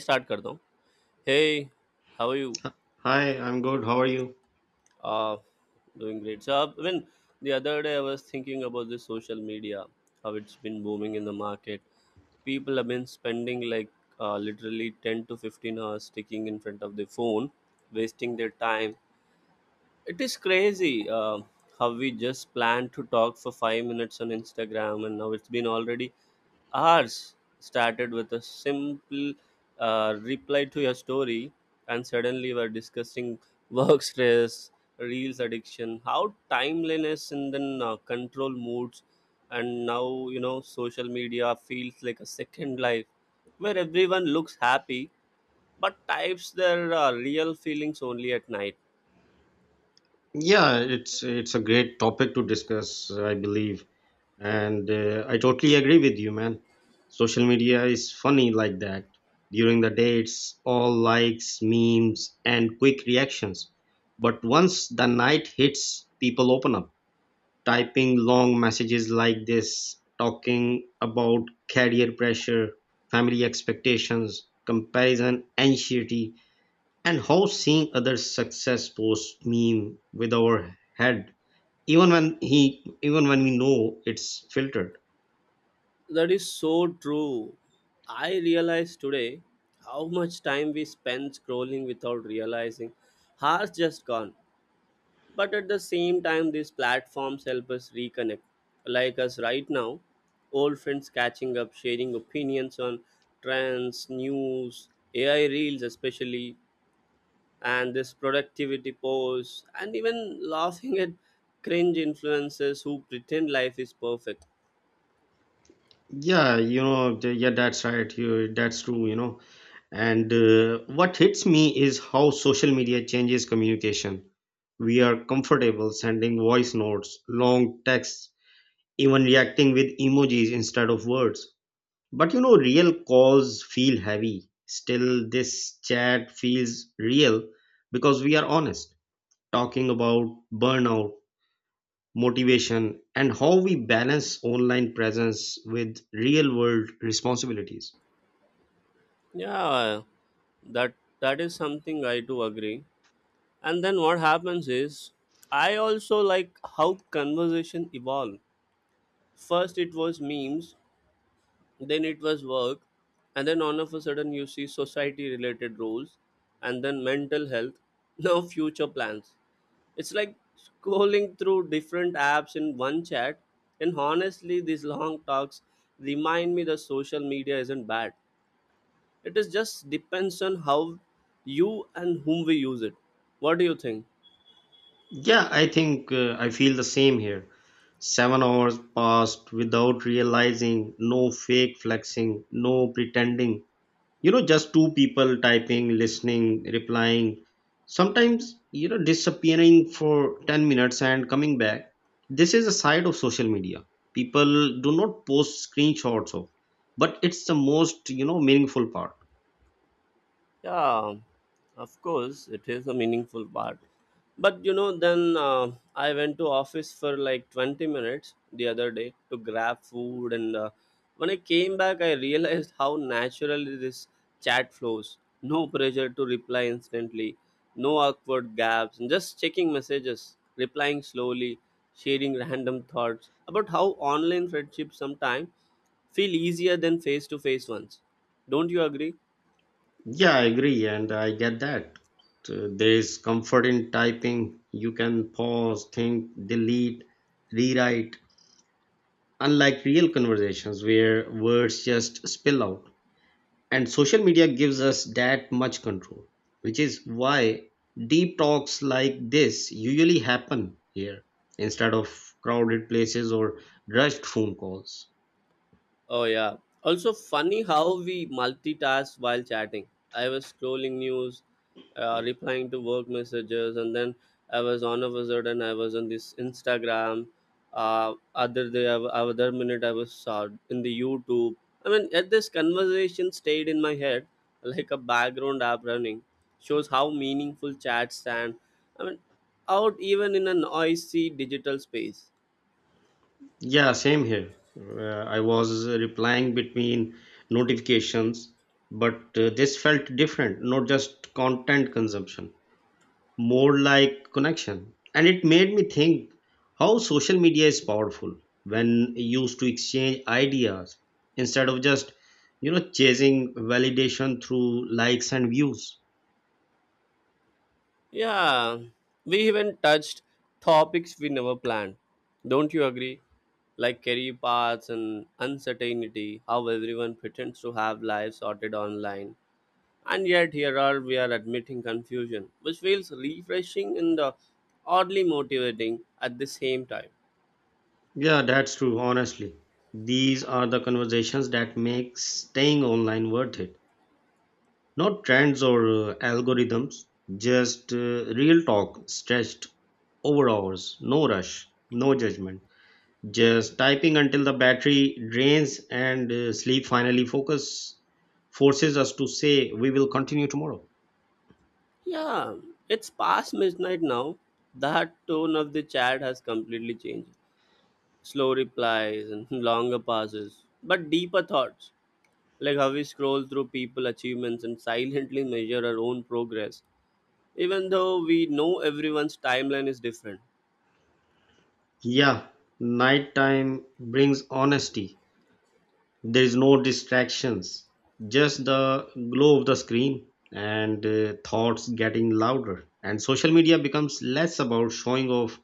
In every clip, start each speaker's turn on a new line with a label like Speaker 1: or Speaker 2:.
Speaker 1: Start करता हूँ. Hey, how are you?
Speaker 2: Hi, I'm good. How are you?
Speaker 1: uh Doing great. So when The other day I was thinking about the social media, how it's been booming in the market. People have been spending like literally 10 to 15 hours sticking in front of the phone, wasting their time. It is crazy. How we just planned to talk for 5 minutes on Instagram, and now it's been already hours. Started with a simple reply to your story, and suddenly we're discussing work stress, reels addiction, how timeliness, and then control moods. And now, you know, social media feels like a second life where everyone looks happy but types their real feelings only at night.
Speaker 2: Yeah, it's a great topic to discuss, I believe, and I totally agree with you, man. Social media is funny like that. During the day, it's all likes, memes, and quick reactions. But once the night hits, people open up, typing long messages like this, talking about career pressure, family expectations, comparison, anxiety, and how seeing other success post meme with our head even when he even when we know it's filtered.
Speaker 1: That is so true. I realize today how much time we spend scrolling without realizing. Hours just gone. But at the same time, these platforms help us reconnect. Like us right now, old friends catching up, sharing opinions on trends, news, AI reels, especially, and this productivity posts, and even laughing at cringe influencers who pretend life is perfect.
Speaker 2: Yeah, that's right, that's true. And what hits me is how social media changes communication. We are comfortable sending voice notes, long texts, even reacting with emojis instead of words. But real calls feel heavy. Still, this chat feels real because we are honest, talking about burnout, motivation, and how we balance online presence with real world responsibilities.
Speaker 1: Yeah, that that is something I do agree, and then what happens is I also like how conversation evolve. First it was memes, then it was work, and then all of a sudden you see society related roles, and then mental health, now future plans. It's like scrolling through different apps in one chat. And honestly, these long talks remind me that social media isn't bad, it is just depends on how you and whom we use it. What do you think?
Speaker 2: Yeah, I think I feel the same here. 7 hours passed without realizing, no fake flexing, no pretending, just two people typing, listening, replying, sometimes disappearing for 10 minutes and coming back. This is a side of social media people do not post screenshots of, but it's the most meaningful part.
Speaker 1: Yeah, of course, it is a meaningful part. But you know, then I went to office for like 20 minutes the other day to grab food, and when I came back, I realized how naturally this chat flows. No pressure to reply instantly, no awkward gaps, and just checking messages, replying slowly, sharing random thoughts about how online friendships sometimes feel easier than face to face ones. Don't you agree?
Speaker 2: Yeah, I agree, and I get that. There is comfort in typing. You can pause, think, delete, rewrite, unlike real conversations where words just spill out. And social media gives us that much control, which is why deep talks like this usually happen here instead of crowded places or rushed phone calls.
Speaker 1: Oh yeah. Also funny how we multitask while chatting. I was scrolling news, replying to work messages, and then I was on this Instagram. Other day, other minute I was in the YouTube. I mean, at this conversation stayed in my head like a background app running. Shows how meaningful chats stand. I mean, out even in a noisy digital space.
Speaker 2: Yeah, same here. I was replying between notifications, but this felt different, not just content consumption, more like connection. And it made me think how social media is powerful when used to exchange ideas instead of just, chasing validation through likes and views.
Speaker 1: Yeah, we even touched topics we never planned. Don't you agree? Like career paths and uncertainty, how everyone pretends to have lives sorted online. And yet, here are we are admitting confusion, which feels refreshing and oddly motivating at the same time.
Speaker 2: Yeah, that's true, honestly. These are the conversations that make staying online worth it. Not trends or algorithms, just real talk stretched over hours, no rush, no judgment. Just typing until the battery drains and sleep finally focus forces us to say we will continue tomorrow.
Speaker 1: Yeah, it's past midnight now. That tone of the chat has completely changed. Slow replies and longer pauses, but deeper thoughts. Like how we scroll through people achievements and silently measure our own progress, even though we know everyone's timeline is different.
Speaker 2: Yeah, nighttime brings honesty. There is no distractions, just the glow of the screen and thoughts getting louder. And social media becomes less about showing off,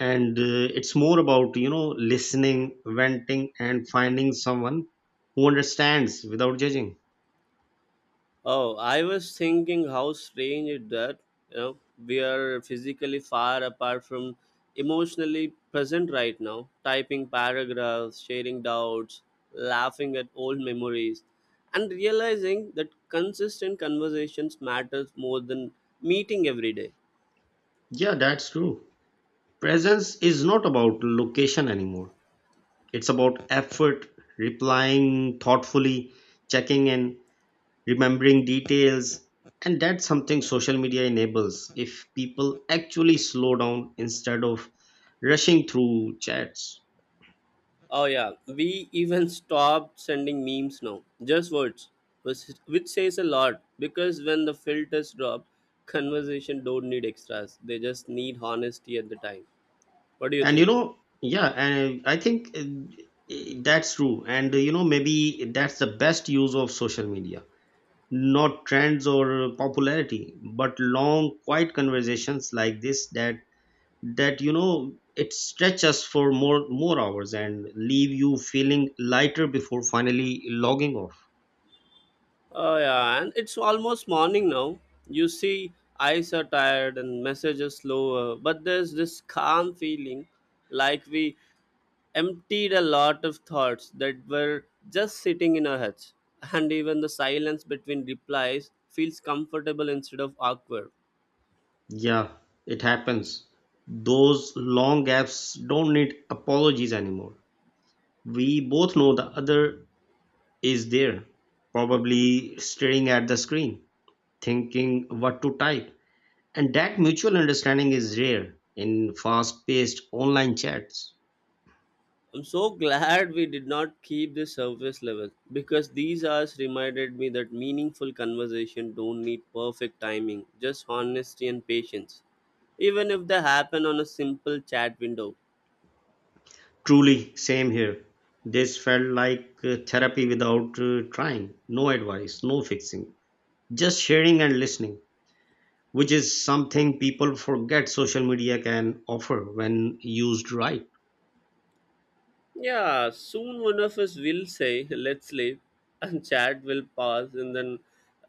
Speaker 2: and it's more about listening, venting, and finding someone who understands without judging.
Speaker 1: Oh, I was thinking how strange it that, you know, we are physically far apart from emotionally present right now, typing paragraphs, sharing doubts, laughing at old memories, and realizing that consistent conversations matters more than meeting every day.
Speaker 2: Yeah, that's true. Presence is not about location anymore. It's about effort, replying thoughtfully, checking in, remembering details. And that's something social media enables if people actually slow down instead of rushing through chats.
Speaker 1: Oh yeah, we even stopped sending memes now. Just words, which which says a lot, because when the filters drop, conversation don't need extras. They just need honesty at the time. What do you
Speaker 2: And
Speaker 1: think?
Speaker 2: yeah, and I think that's true. And maybe that's the best use of social media. Not trends or popularity, but long, quiet conversations like this that it stretches for more hours and leave you feeling lighter before finally logging off.
Speaker 1: Oh yeah, and it's almost morning now. You see, eyes are tired and messages slower, but there's this calm feeling, like we emptied a lot of thoughts that were just sitting in our heads, and even the silence between replies feels comfortable instead of awkward.
Speaker 2: Yeah, it happens. Those long gaps don't need apologies anymore. We both know the other is there, probably staring at the screen, thinking what to type. And that mutual understanding is rare in fast paced online chats.
Speaker 1: I'm so glad we did not keep the surface level, because these hours reminded me that meaningful conversation don't need perfect timing, just honesty and patience, even if they happen on a simple chat window.
Speaker 2: Truly, same here. This felt like therapy without trying. No advice, no fixing, just sharing and listening, which is something people forget social media can offer when used right.
Speaker 1: Yeah, soon one of us will say, let's sleep, and chat will pass, and then,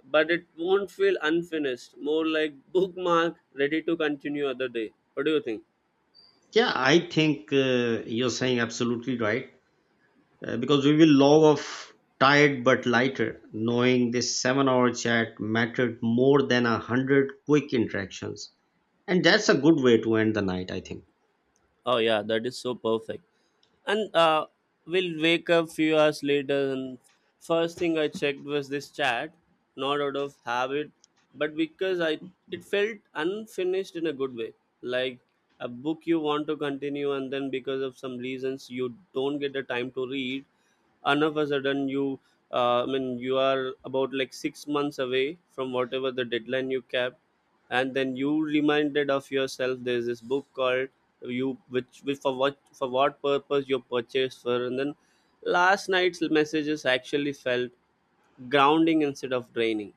Speaker 1: but it won't feel unfinished, more like bookmark, ready to continue other day. What do you think?
Speaker 2: Yeah, I think you're saying absolutely right, because we will log off tired but lighter, knowing this 7-hour chat mattered more than 100 quick interactions. And that's a good way to end the night, I think.
Speaker 1: Oh yeah, that is so perfect. And we'll wake up few hours later, and first thing I checked was this chat, not out of habit, but because I it felt unfinished in a good way, like a book you want to continue, and then because of some reasons you don't get the time to read, and all of a sudden you I mean you are about like 6 months away from whatever the deadline you kept, and then you reminded of yourself there's this book called you which for what purpose you purchased for, and then last night's messages actually felt grounding instead of draining.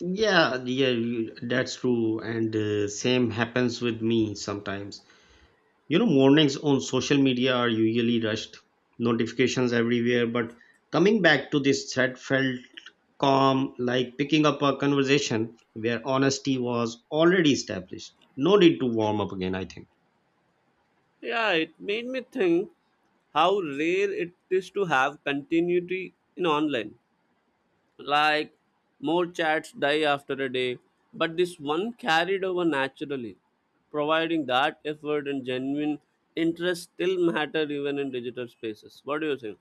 Speaker 2: Yeah, yeah, that's true. And same happens with me sometimes. Mornings on social media are usually rushed, notifications everywhere. But coming back to this thread felt calm, like picking up a conversation where honesty was already established. No need to warm up again, I think.
Speaker 1: Yeah, it made me think how rare it is to have continuity in online, like more chats die after a day, but this one carried over naturally, providing that effort and genuine interest still matter even in digital spaces. What do you think?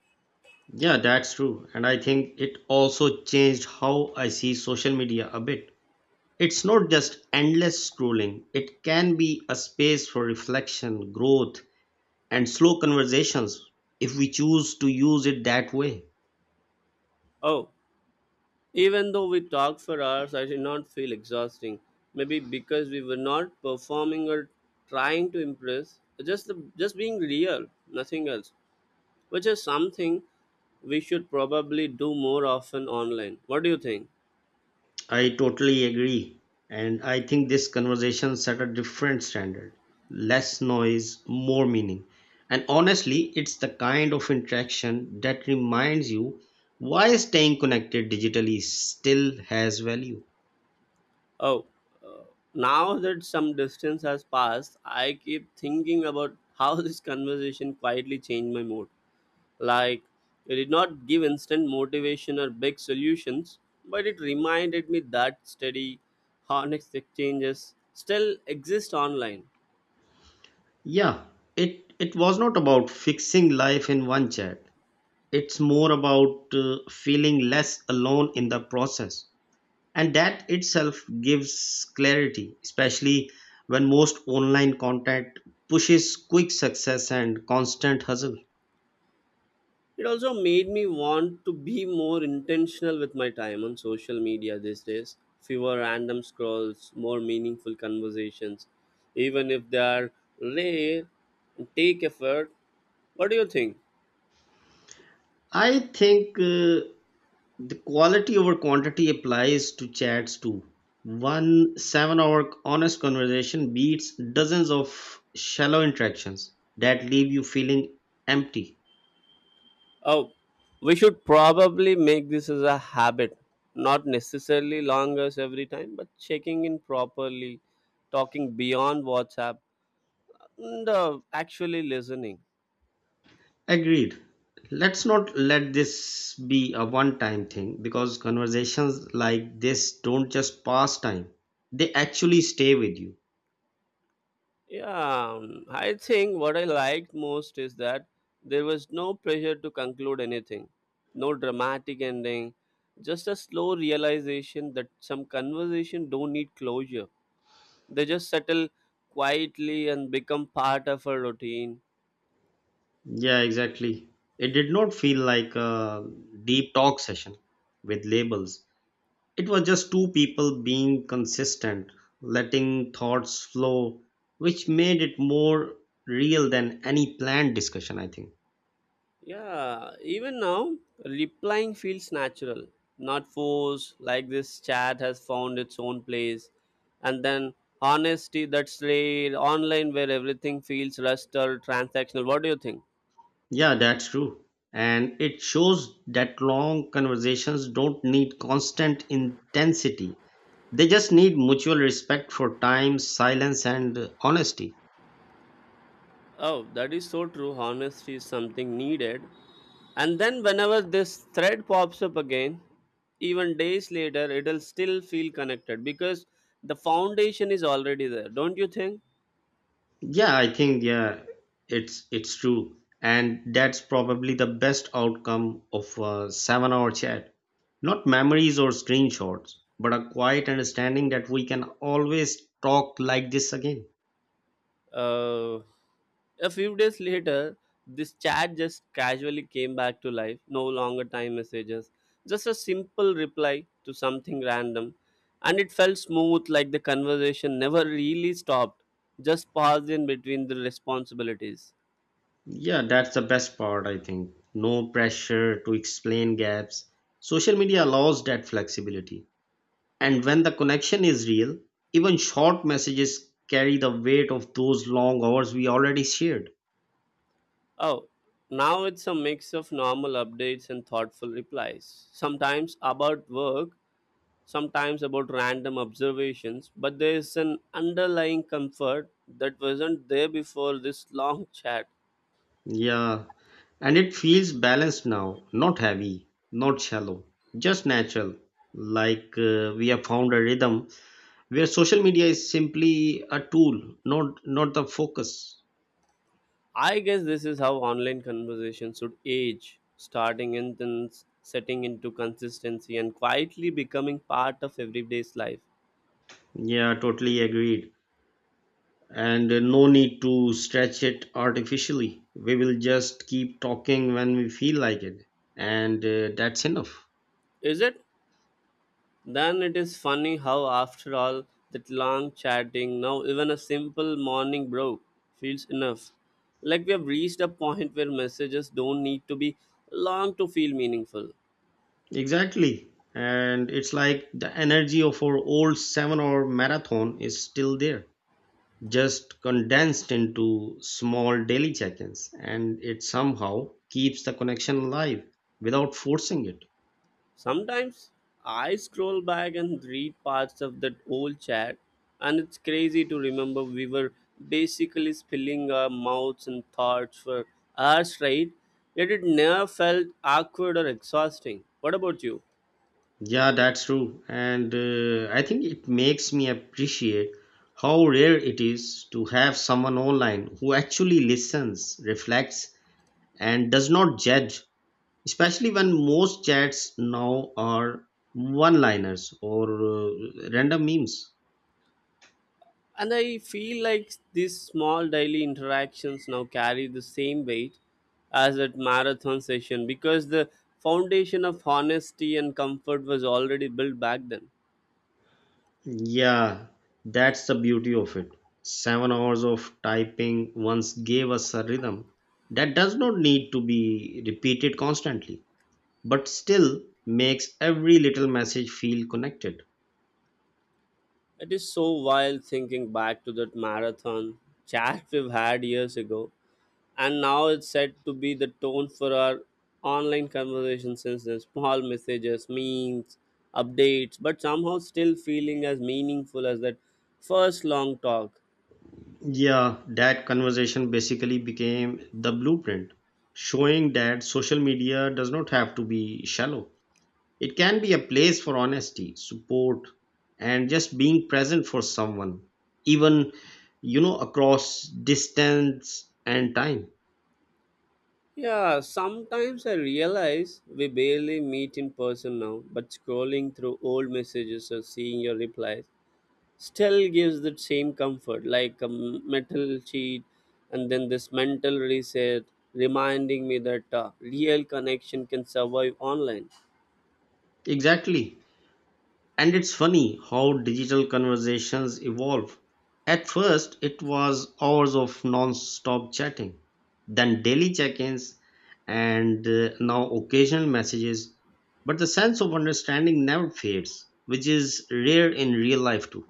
Speaker 2: Yeah, that's true. And I think it also changed how I see social media a bit. It's not just endless scrolling, it can be a space for reflection, growth, and slow conversations if we choose to use it that way.
Speaker 1: Oh, even though we talk for hours, I did not feel exhausting. Maybe because we were not performing or trying to impress, just being real, nothing else, which is something we should probably do more often online. What do you think?
Speaker 2: I totally agree. And I think this conversation set a different standard. Less noise, more meaning. And honestly, it's the kind of interaction that reminds you why staying connected digitally still has value.
Speaker 1: Oh, uh, now that some distance has passed, I keep thinking about how this conversation quietly changed my mood. Like, it did not give instant motivation or big solutions, but it reminded me that steady, honest exchanges still exist online.
Speaker 2: Yeah, it was not about fixing life in one chat. It's more about feeling less alone in the process. And that itself gives clarity, especially when most online content pushes quick success and constant hustle.
Speaker 1: It also made me want to be more intentional with my time on social media these days. Fewer random scrolls, more meaningful conversations, even if they are rare take effort. What do you think?
Speaker 2: I think the quality over quantity applies to chats too. one 7-hour honest conversation beats dozens of shallow interactions that leave you feeling empty.
Speaker 1: Oh, we should probably make this as a habit, not necessarily longers every time, but checking in properly, talking beyond WhatsApp, and actually listening.
Speaker 2: Agreed. Let's not let this be a one time thing because conversations like this don't just pass time, they actually stay with you.
Speaker 1: Yeah, I think what I liked most is that there was no pressure to conclude anything, no dramatic ending, just a slow realization that some conversation don't need closure. They just settle quietly and become part of a routine.
Speaker 2: Yeah, exactly. It did not feel like a deep talk session with labels. It was just two people being consistent, letting thoughts flow, which made it more real than any planned discussion, I think.
Speaker 1: Yeah, even now, replying feels natural, not forced, like this chat has found its own place. And then honesty, that's rare, online where everything feels rushed or transactional. What do you think?
Speaker 2: Yeah, that's true. And it shows that long conversations don't need constant intensity. They just need mutual respect for time, silence, and honesty.
Speaker 1: Oh, that is so true. Honesty is something needed. And then whenever this thread pops up again, even days later, it'll still feel connected, because the foundation is already there, don't you think?
Speaker 2: Yeah, I think, yeah, it's true. And that's probably the best outcome of a 7-hour chat. Not memories or screenshots, but a quiet understanding that we can always talk like this again.
Speaker 1: Uh, a few days later, this chat just casually came back to life. No longer time messages, just a simple reply to something random. And it felt smooth, like the conversation never really stopped, just paused in between the responsibilities.
Speaker 2: Yeah, that's the best part, I think. No pressure to explain gaps. Social media allows that flexibility. And when the connection is real, even short messages carry the weight of those long hours we already shared.
Speaker 1: Oh, now it's a mix of normal updates and thoughtful replies, sometimes about work, sometimes about random observations, but there is an underlying comfort that wasn't there before this long chat.
Speaker 2: Yeah, and it feels balanced now, not heavy, not shallow, just natural. Like we have found a rhythm where social media is simply a tool, not the focus.
Speaker 1: I guess this is how online conversations should age, starting intense, setting into consistency, and quietly becoming part of everyday's life.
Speaker 2: Yeah, totally agreed. And no need to stretch it artificially. We will just keep talking when we feel like it, and that's enough.
Speaker 1: Is it? Then it is funny how, after all that long chatting, now even a simple morning bro feels enough. Like we have reached a point where messages don't need to be long to feel meaningful.
Speaker 2: Exactly. And it's like the energy of our old 7-hour marathon is still there, just condensed into small daily check ins, and it somehow keeps the connection alive without forcing it.
Speaker 1: Sometimes I scroll back and read parts of that old chat, and it's crazy to remember we were basically spilling our mouths and thoughts for hours straight, yet it never felt awkward or exhausting. What about you?
Speaker 2: Yeah, that's true. And I think it makes me appreciate how rare it is to have someone online who actually listens, reflects, and does not judge, especially when most chats now are one liners or random memes.
Speaker 1: And I feel like these small daily interactions now carry the same weight as that marathon session, because the foundation of honesty and comfort was already built back then.
Speaker 2: Yeah, that's the beauty of it. 7 hours of typing once gave us a rhythm that does not need to be repeated constantly, but still makes every little message feel connected.
Speaker 1: It is so wild thinking back to that marathon chat we've had years ago, and now it's said to be the tone for our online conversation since then. Small messages, memes, updates, but somehow still feeling as meaningful as that first long talk.
Speaker 2: Yeah, that conversation basically became the blueprint, showing that social media does not have to be shallow. It can be a place for honesty, support, and just being present for someone, even, across distance and time.
Speaker 1: Yeah, sometimes I realize we barely meet in person now, but scrolling through old messages or seeing your replies still gives that same comfort like a metal sheet, and then this mental reset reminding me that real connection can survive online.
Speaker 2: Exactly. And it's funny how digital conversations evolve. At first, it was hours of non-stop chatting, then daily check-ins, and now occasional messages. But the sense of understanding never fades, which is rare in real life too.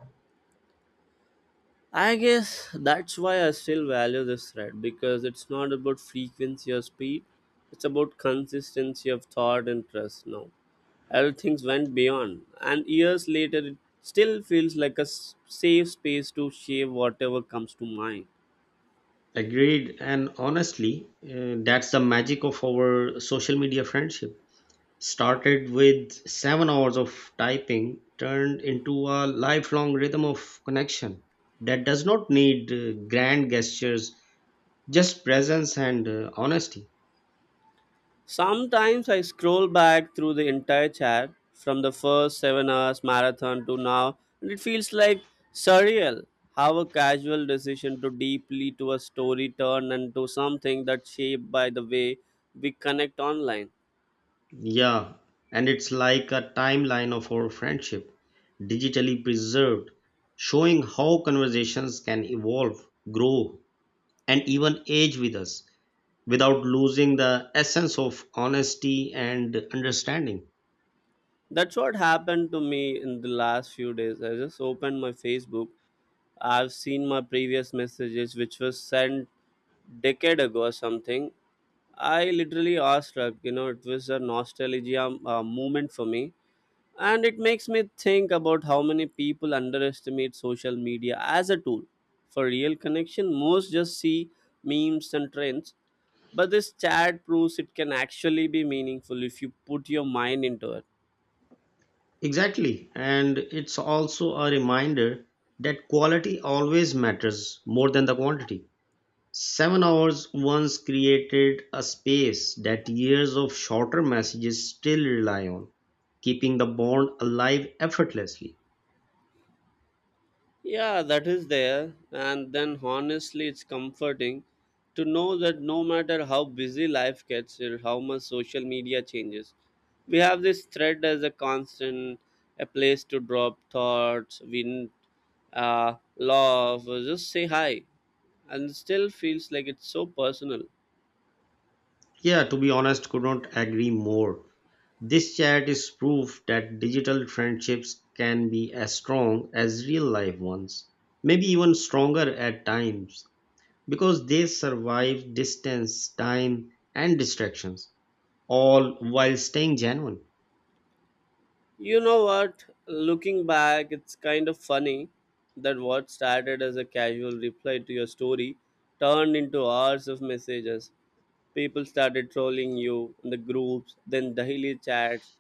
Speaker 1: I guess that's why I still value this thread, because it's not about frequency or speed, it's about consistency of thought and trust. Now everything went beyond, and years later it still feels like a safe space to share whatever comes to mind.
Speaker 2: Agreed, and honestly, that's the magic of our social media friendship. Started with 7 hours of typing, turned into a lifelong rhythm of connection that does not need grand gestures, just presence and honesty.
Speaker 1: Sometimes I scroll back through the entire chat from the first 7 hours marathon to now, and it feels like surreal how a casual decision to deeply to a story turned into something that's shaped by the way we connect online.
Speaker 2: Yeah, and it's like a timeline of our friendship, digitally preserved, showing how conversations can evolve, grow, and even age with us without losing the essence of honesty and understanding.
Speaker 1: That's what happened to me in the last few days. I just opened my Facebook, I've seen my previous messages, which was sent decade ago or something. I literally awestruck. You know, it was a nostalgia moment for me, and it makes me think about how many people underestimate social media as a tool for real connection. Most just see memes and trends, but this chat proves it can actually be meaningful if you put your mind into it.
Speaker 2: Exactly. And it's also a reminder that quality always matters more than the quantity. 7 hours once created a space that years of shorter messages still rely on, keeping the bond alive effortlessly.
Speaker 1: Yeah, that is there. And then honestly, it's comforting to know that no matter how busy life gets or how much social media changes, we have this thread as a constant, a place to drop thoughts, win, love, or just say hi. And it still feels like it's so personal.
Speaker 2: Yeah, to be honest, could not agree more. This chat is proof that digital friendships can be as strong as real life ones, maybe even stronger at times because they survive distance, time, and distractions, all while staying genuine.
Speaker 1: You know what? Looking back, it's kind of funny that what started as a casual reply to your story turned into hours of messages. People started trolling you in the groups, then daily chats.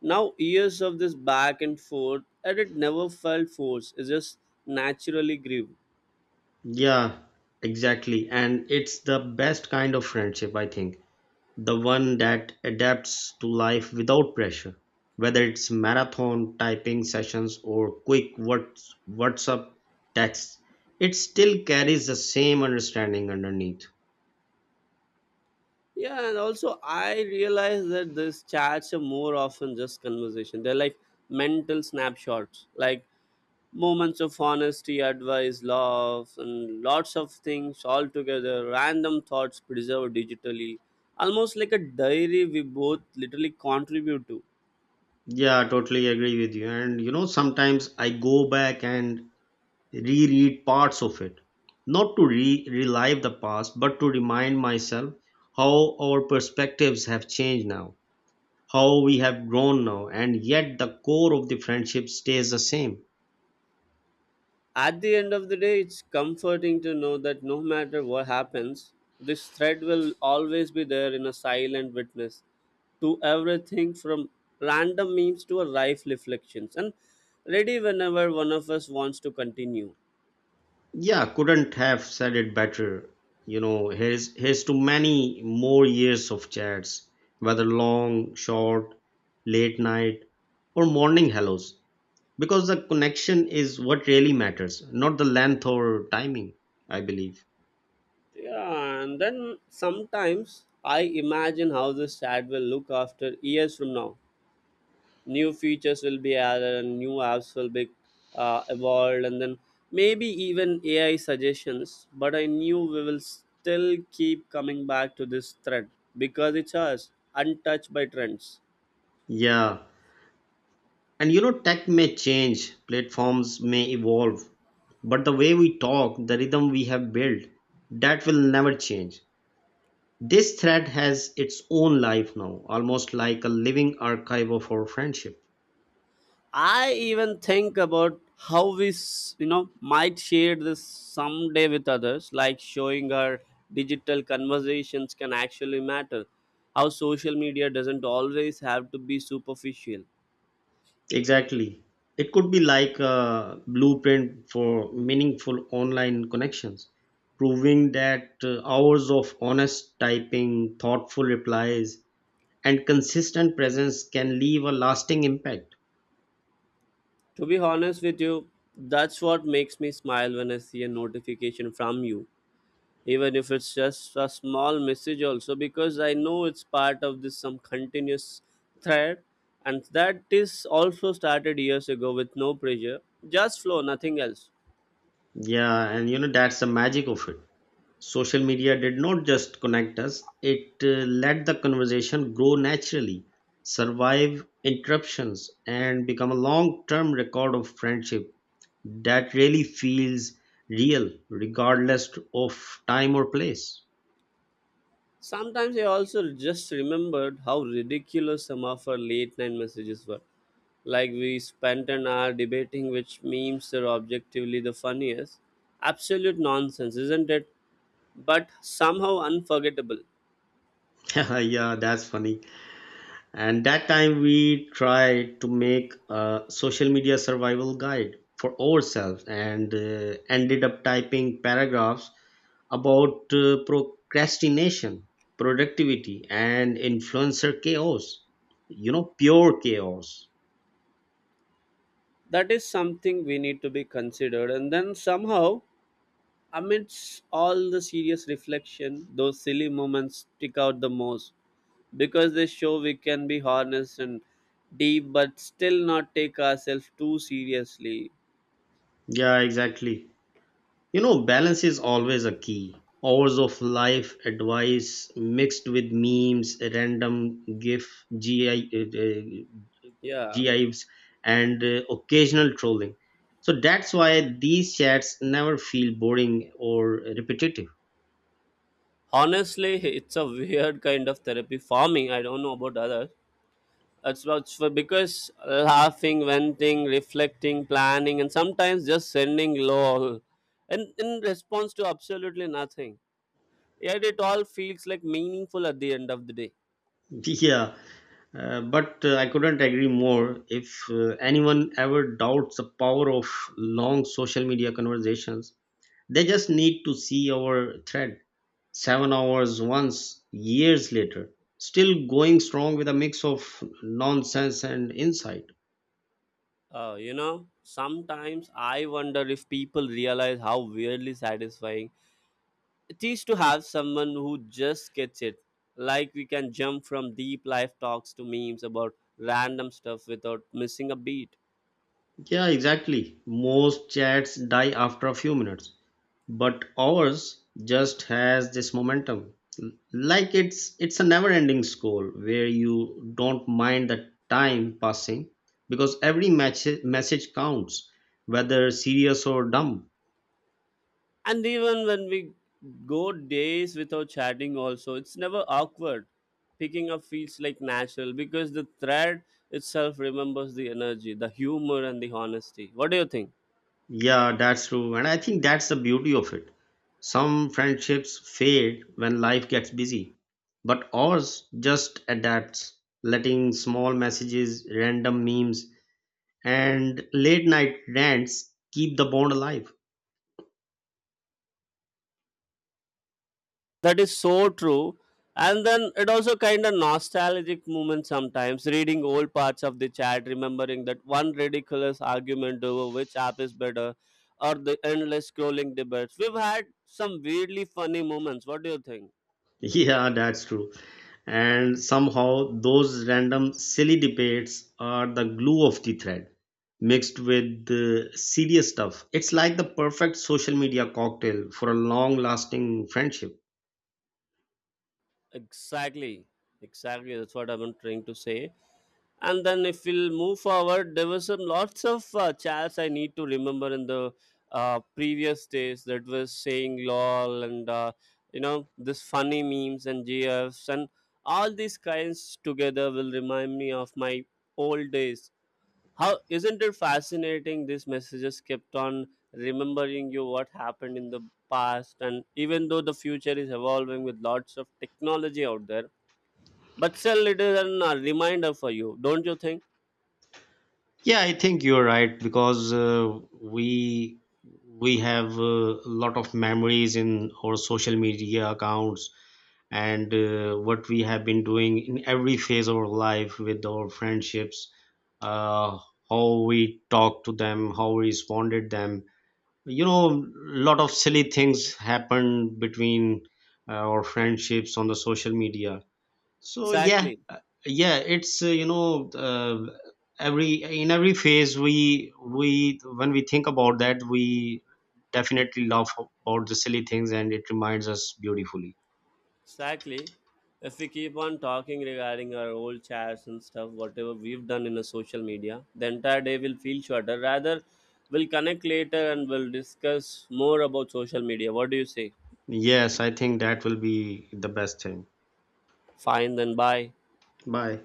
Speaker 1: Now, years of this back and forth, and it never felt forced. It just naturally grew.
Speaker 2: Yeah, exactly. And it's the best kind of friendship, I think. The one that adapts to life without pressure. Whether it's marathon typing sessions or quick WhatsApp texts, it still carries the same understanding underneath.
Speaker 1: Yeah, and also I realized that these chats are more often just conversation. They're like mental snapshots, like moments of honesty, advice, love, and lots of things all together. Random thoughts preserved digitally, almost like a diary we both literally contribute to.
Speaker 2: Yeah, I totally agree with you. And sometimes I go back and reread parts of it, not to relive the past, but to remind myself how our perspectives have changed now, how we have grown now, and yet the core of the friendship stays the same.
Speaker 1: At the end of the day, it's comforting to know that no matter what happens, this thread will always be there in a silent witness to everything from random memes to a life reflections, and ready whenever one of us wants to continue.
Speaker 2: Yeah, couldn't have said it better. Here's to many more years of chats, whether long, short, late night, or morning hellos, because the connection is what really matters, not the length or timing, I believe.
Speaker 1: Yeah, and then sometimes I imagine how this chat will look after years from now. New features will be added and new apps will be evolved, and then maybe even AI suggestions, but I knew we will still keep coming back to this thread because it's us, untouched by trends.
Speaker 2: Yeah. And tech may change, platforms may evolve, but the way we talk, the rhythm we have built, that will never change. This thread has its own life now, almost like a living archive of our friendship.
Speaker 1: I even think about how you know, might share this someday with others, like showing our digital conversations can actually matter, how social media doesn't always have to be superficial.
Speaker 2: Exactly. It could be like a blueprint for meaningful online connections, proving that hours of honest typing, thoughtful replies, and consistent presence can leave a lasting impact.
Speaker 1: To be honest with you, that's what makes me smile when I see a notification from you, even if it's just a small message, also because I know it's part of this some continuous thread, and that is also started years ago with no pressure, just flow, nothing else.
Speaker 2: Yeah, and that's the magic of it. Social media did not just connect us, it let the conversation grow naturally, survive interruptions, and become a long term record of friendship that really feels real, regardless of time or place.
Speaker 1: Sometimes I also just remembered how ridiculous some of our late night messages were, like we spent an hour debating which memes are objectively the funniest. Absolute nonsense, isn't it? But somehow unforgettable.
Speaker 2: Yeah, that's funny. And that time we tried to make a social media survival guide for ourselves and ended up typing paragraphs about procrastination, productivity, and influencer chaos, pure chaos.
Speaker 1: That is something we need to be considered. And then somehow, amidst all the serious reflection, those silly moments stick out the most because they show we can be honest and deep, but still not take ourselves too seriously.
Speaker 2: Yeah, exactly. Balance is always a key. Hours of life advice mixed with memes, random gif gi
Speaker 1: Yeah,
Speaker 2: jives, and occasional trolling. So that's why these chats never feel boring or repetitive.
Speaker 1: honestly, it's a weird kind of therapy for me. I don't know about others. That's what's for, because laughing, venting, reflecting, planning, and sometimes just sending lol, and in response to absolutely nothing. Yet it all feels like meaningful at the end of the day.
Speaker 2: Yeah, but I couldn't agree more. If anyone ever doubts the power of long social media conversations, they just need to see our thread. 7 hours once, years later, still going strong with a mix of nonsense and insight.
Speaker 1: You know, sometimes I wonder if people realize how weirdly satisfying it is to have someone who just gets it. Like we can jump from deep life talks to memes about random stuff without missing a beat.
Speaker 2: Yeah, exactly. Most chats die after a few minutes, but ours just has this momentum. Like it's a never-ending scroll where you don't mind the time passing because every message counts, whether serious or dumb.
Speaker 1: And even when we go days without chatting, also it's never awkward. Picking up feels like natural, because the thread itself remembers the energy, the humor, and the honesty. What do you think?
Speaker 2: Yeah, that's true, and I think that's the beauty of it. Some friendships fade when life gets busy, but ours just adapts, letting small messages, random memes, and late night rants keep the bond alive.
Speaker 1: That is so true. And then it also kind of nostalgic moment, sometimes reading old parts of the chat, remembering that one ridiculous argument over which app is better, or the endless scrolling debates we've had, some weirdly funny moments. What do you think?
Speaker 2: Yeah, that's true. And somehow those random silly debates are the glue of the thread, mixed with the serious stuff. It's like the perfect social media cocktail for a long lasting friendship.
Speaker 1: Exactly. Exactly. That's what I've been trying to say. And then if we'll move forward, there was some lots of chats I need to remember in the previous days that was saying lol and, you know, this funny memes and GFs and all these kinds together will remind me of my old days. How isn't it fascinating? These messages kept on remembering you what happened in the past, and even though the future is evolving with lots of technology out there, but still, it is an reminder for you, don't you think?
Speaker 2: Yeah, I think you're right, because we have a lot of memories in our social media accounts, and what we have been doing in every phase of our life with our friendships, uh, how we talked to them, how we responded them, you know lot of silly things happen between our friendships on the social media, so yeah
Speaker 1: Exactly,
Speaker 2: uh, Yeah, it's every in every phase, we when we think about that, we definitely laugh about the silly things, and it reminds us beautifully.
Speaker 1: exactly. If we keep on talking regarding our old chats and stuff, whatever we've done in the social media, the entire day will feel shorter. Rather, we'll connect later and we'll discuss more about social media. What do you say?
Speaker 2: Yes, I think that will be the best thing.
Speaker 1: Fine, then bye.
Speaker 2: Bye.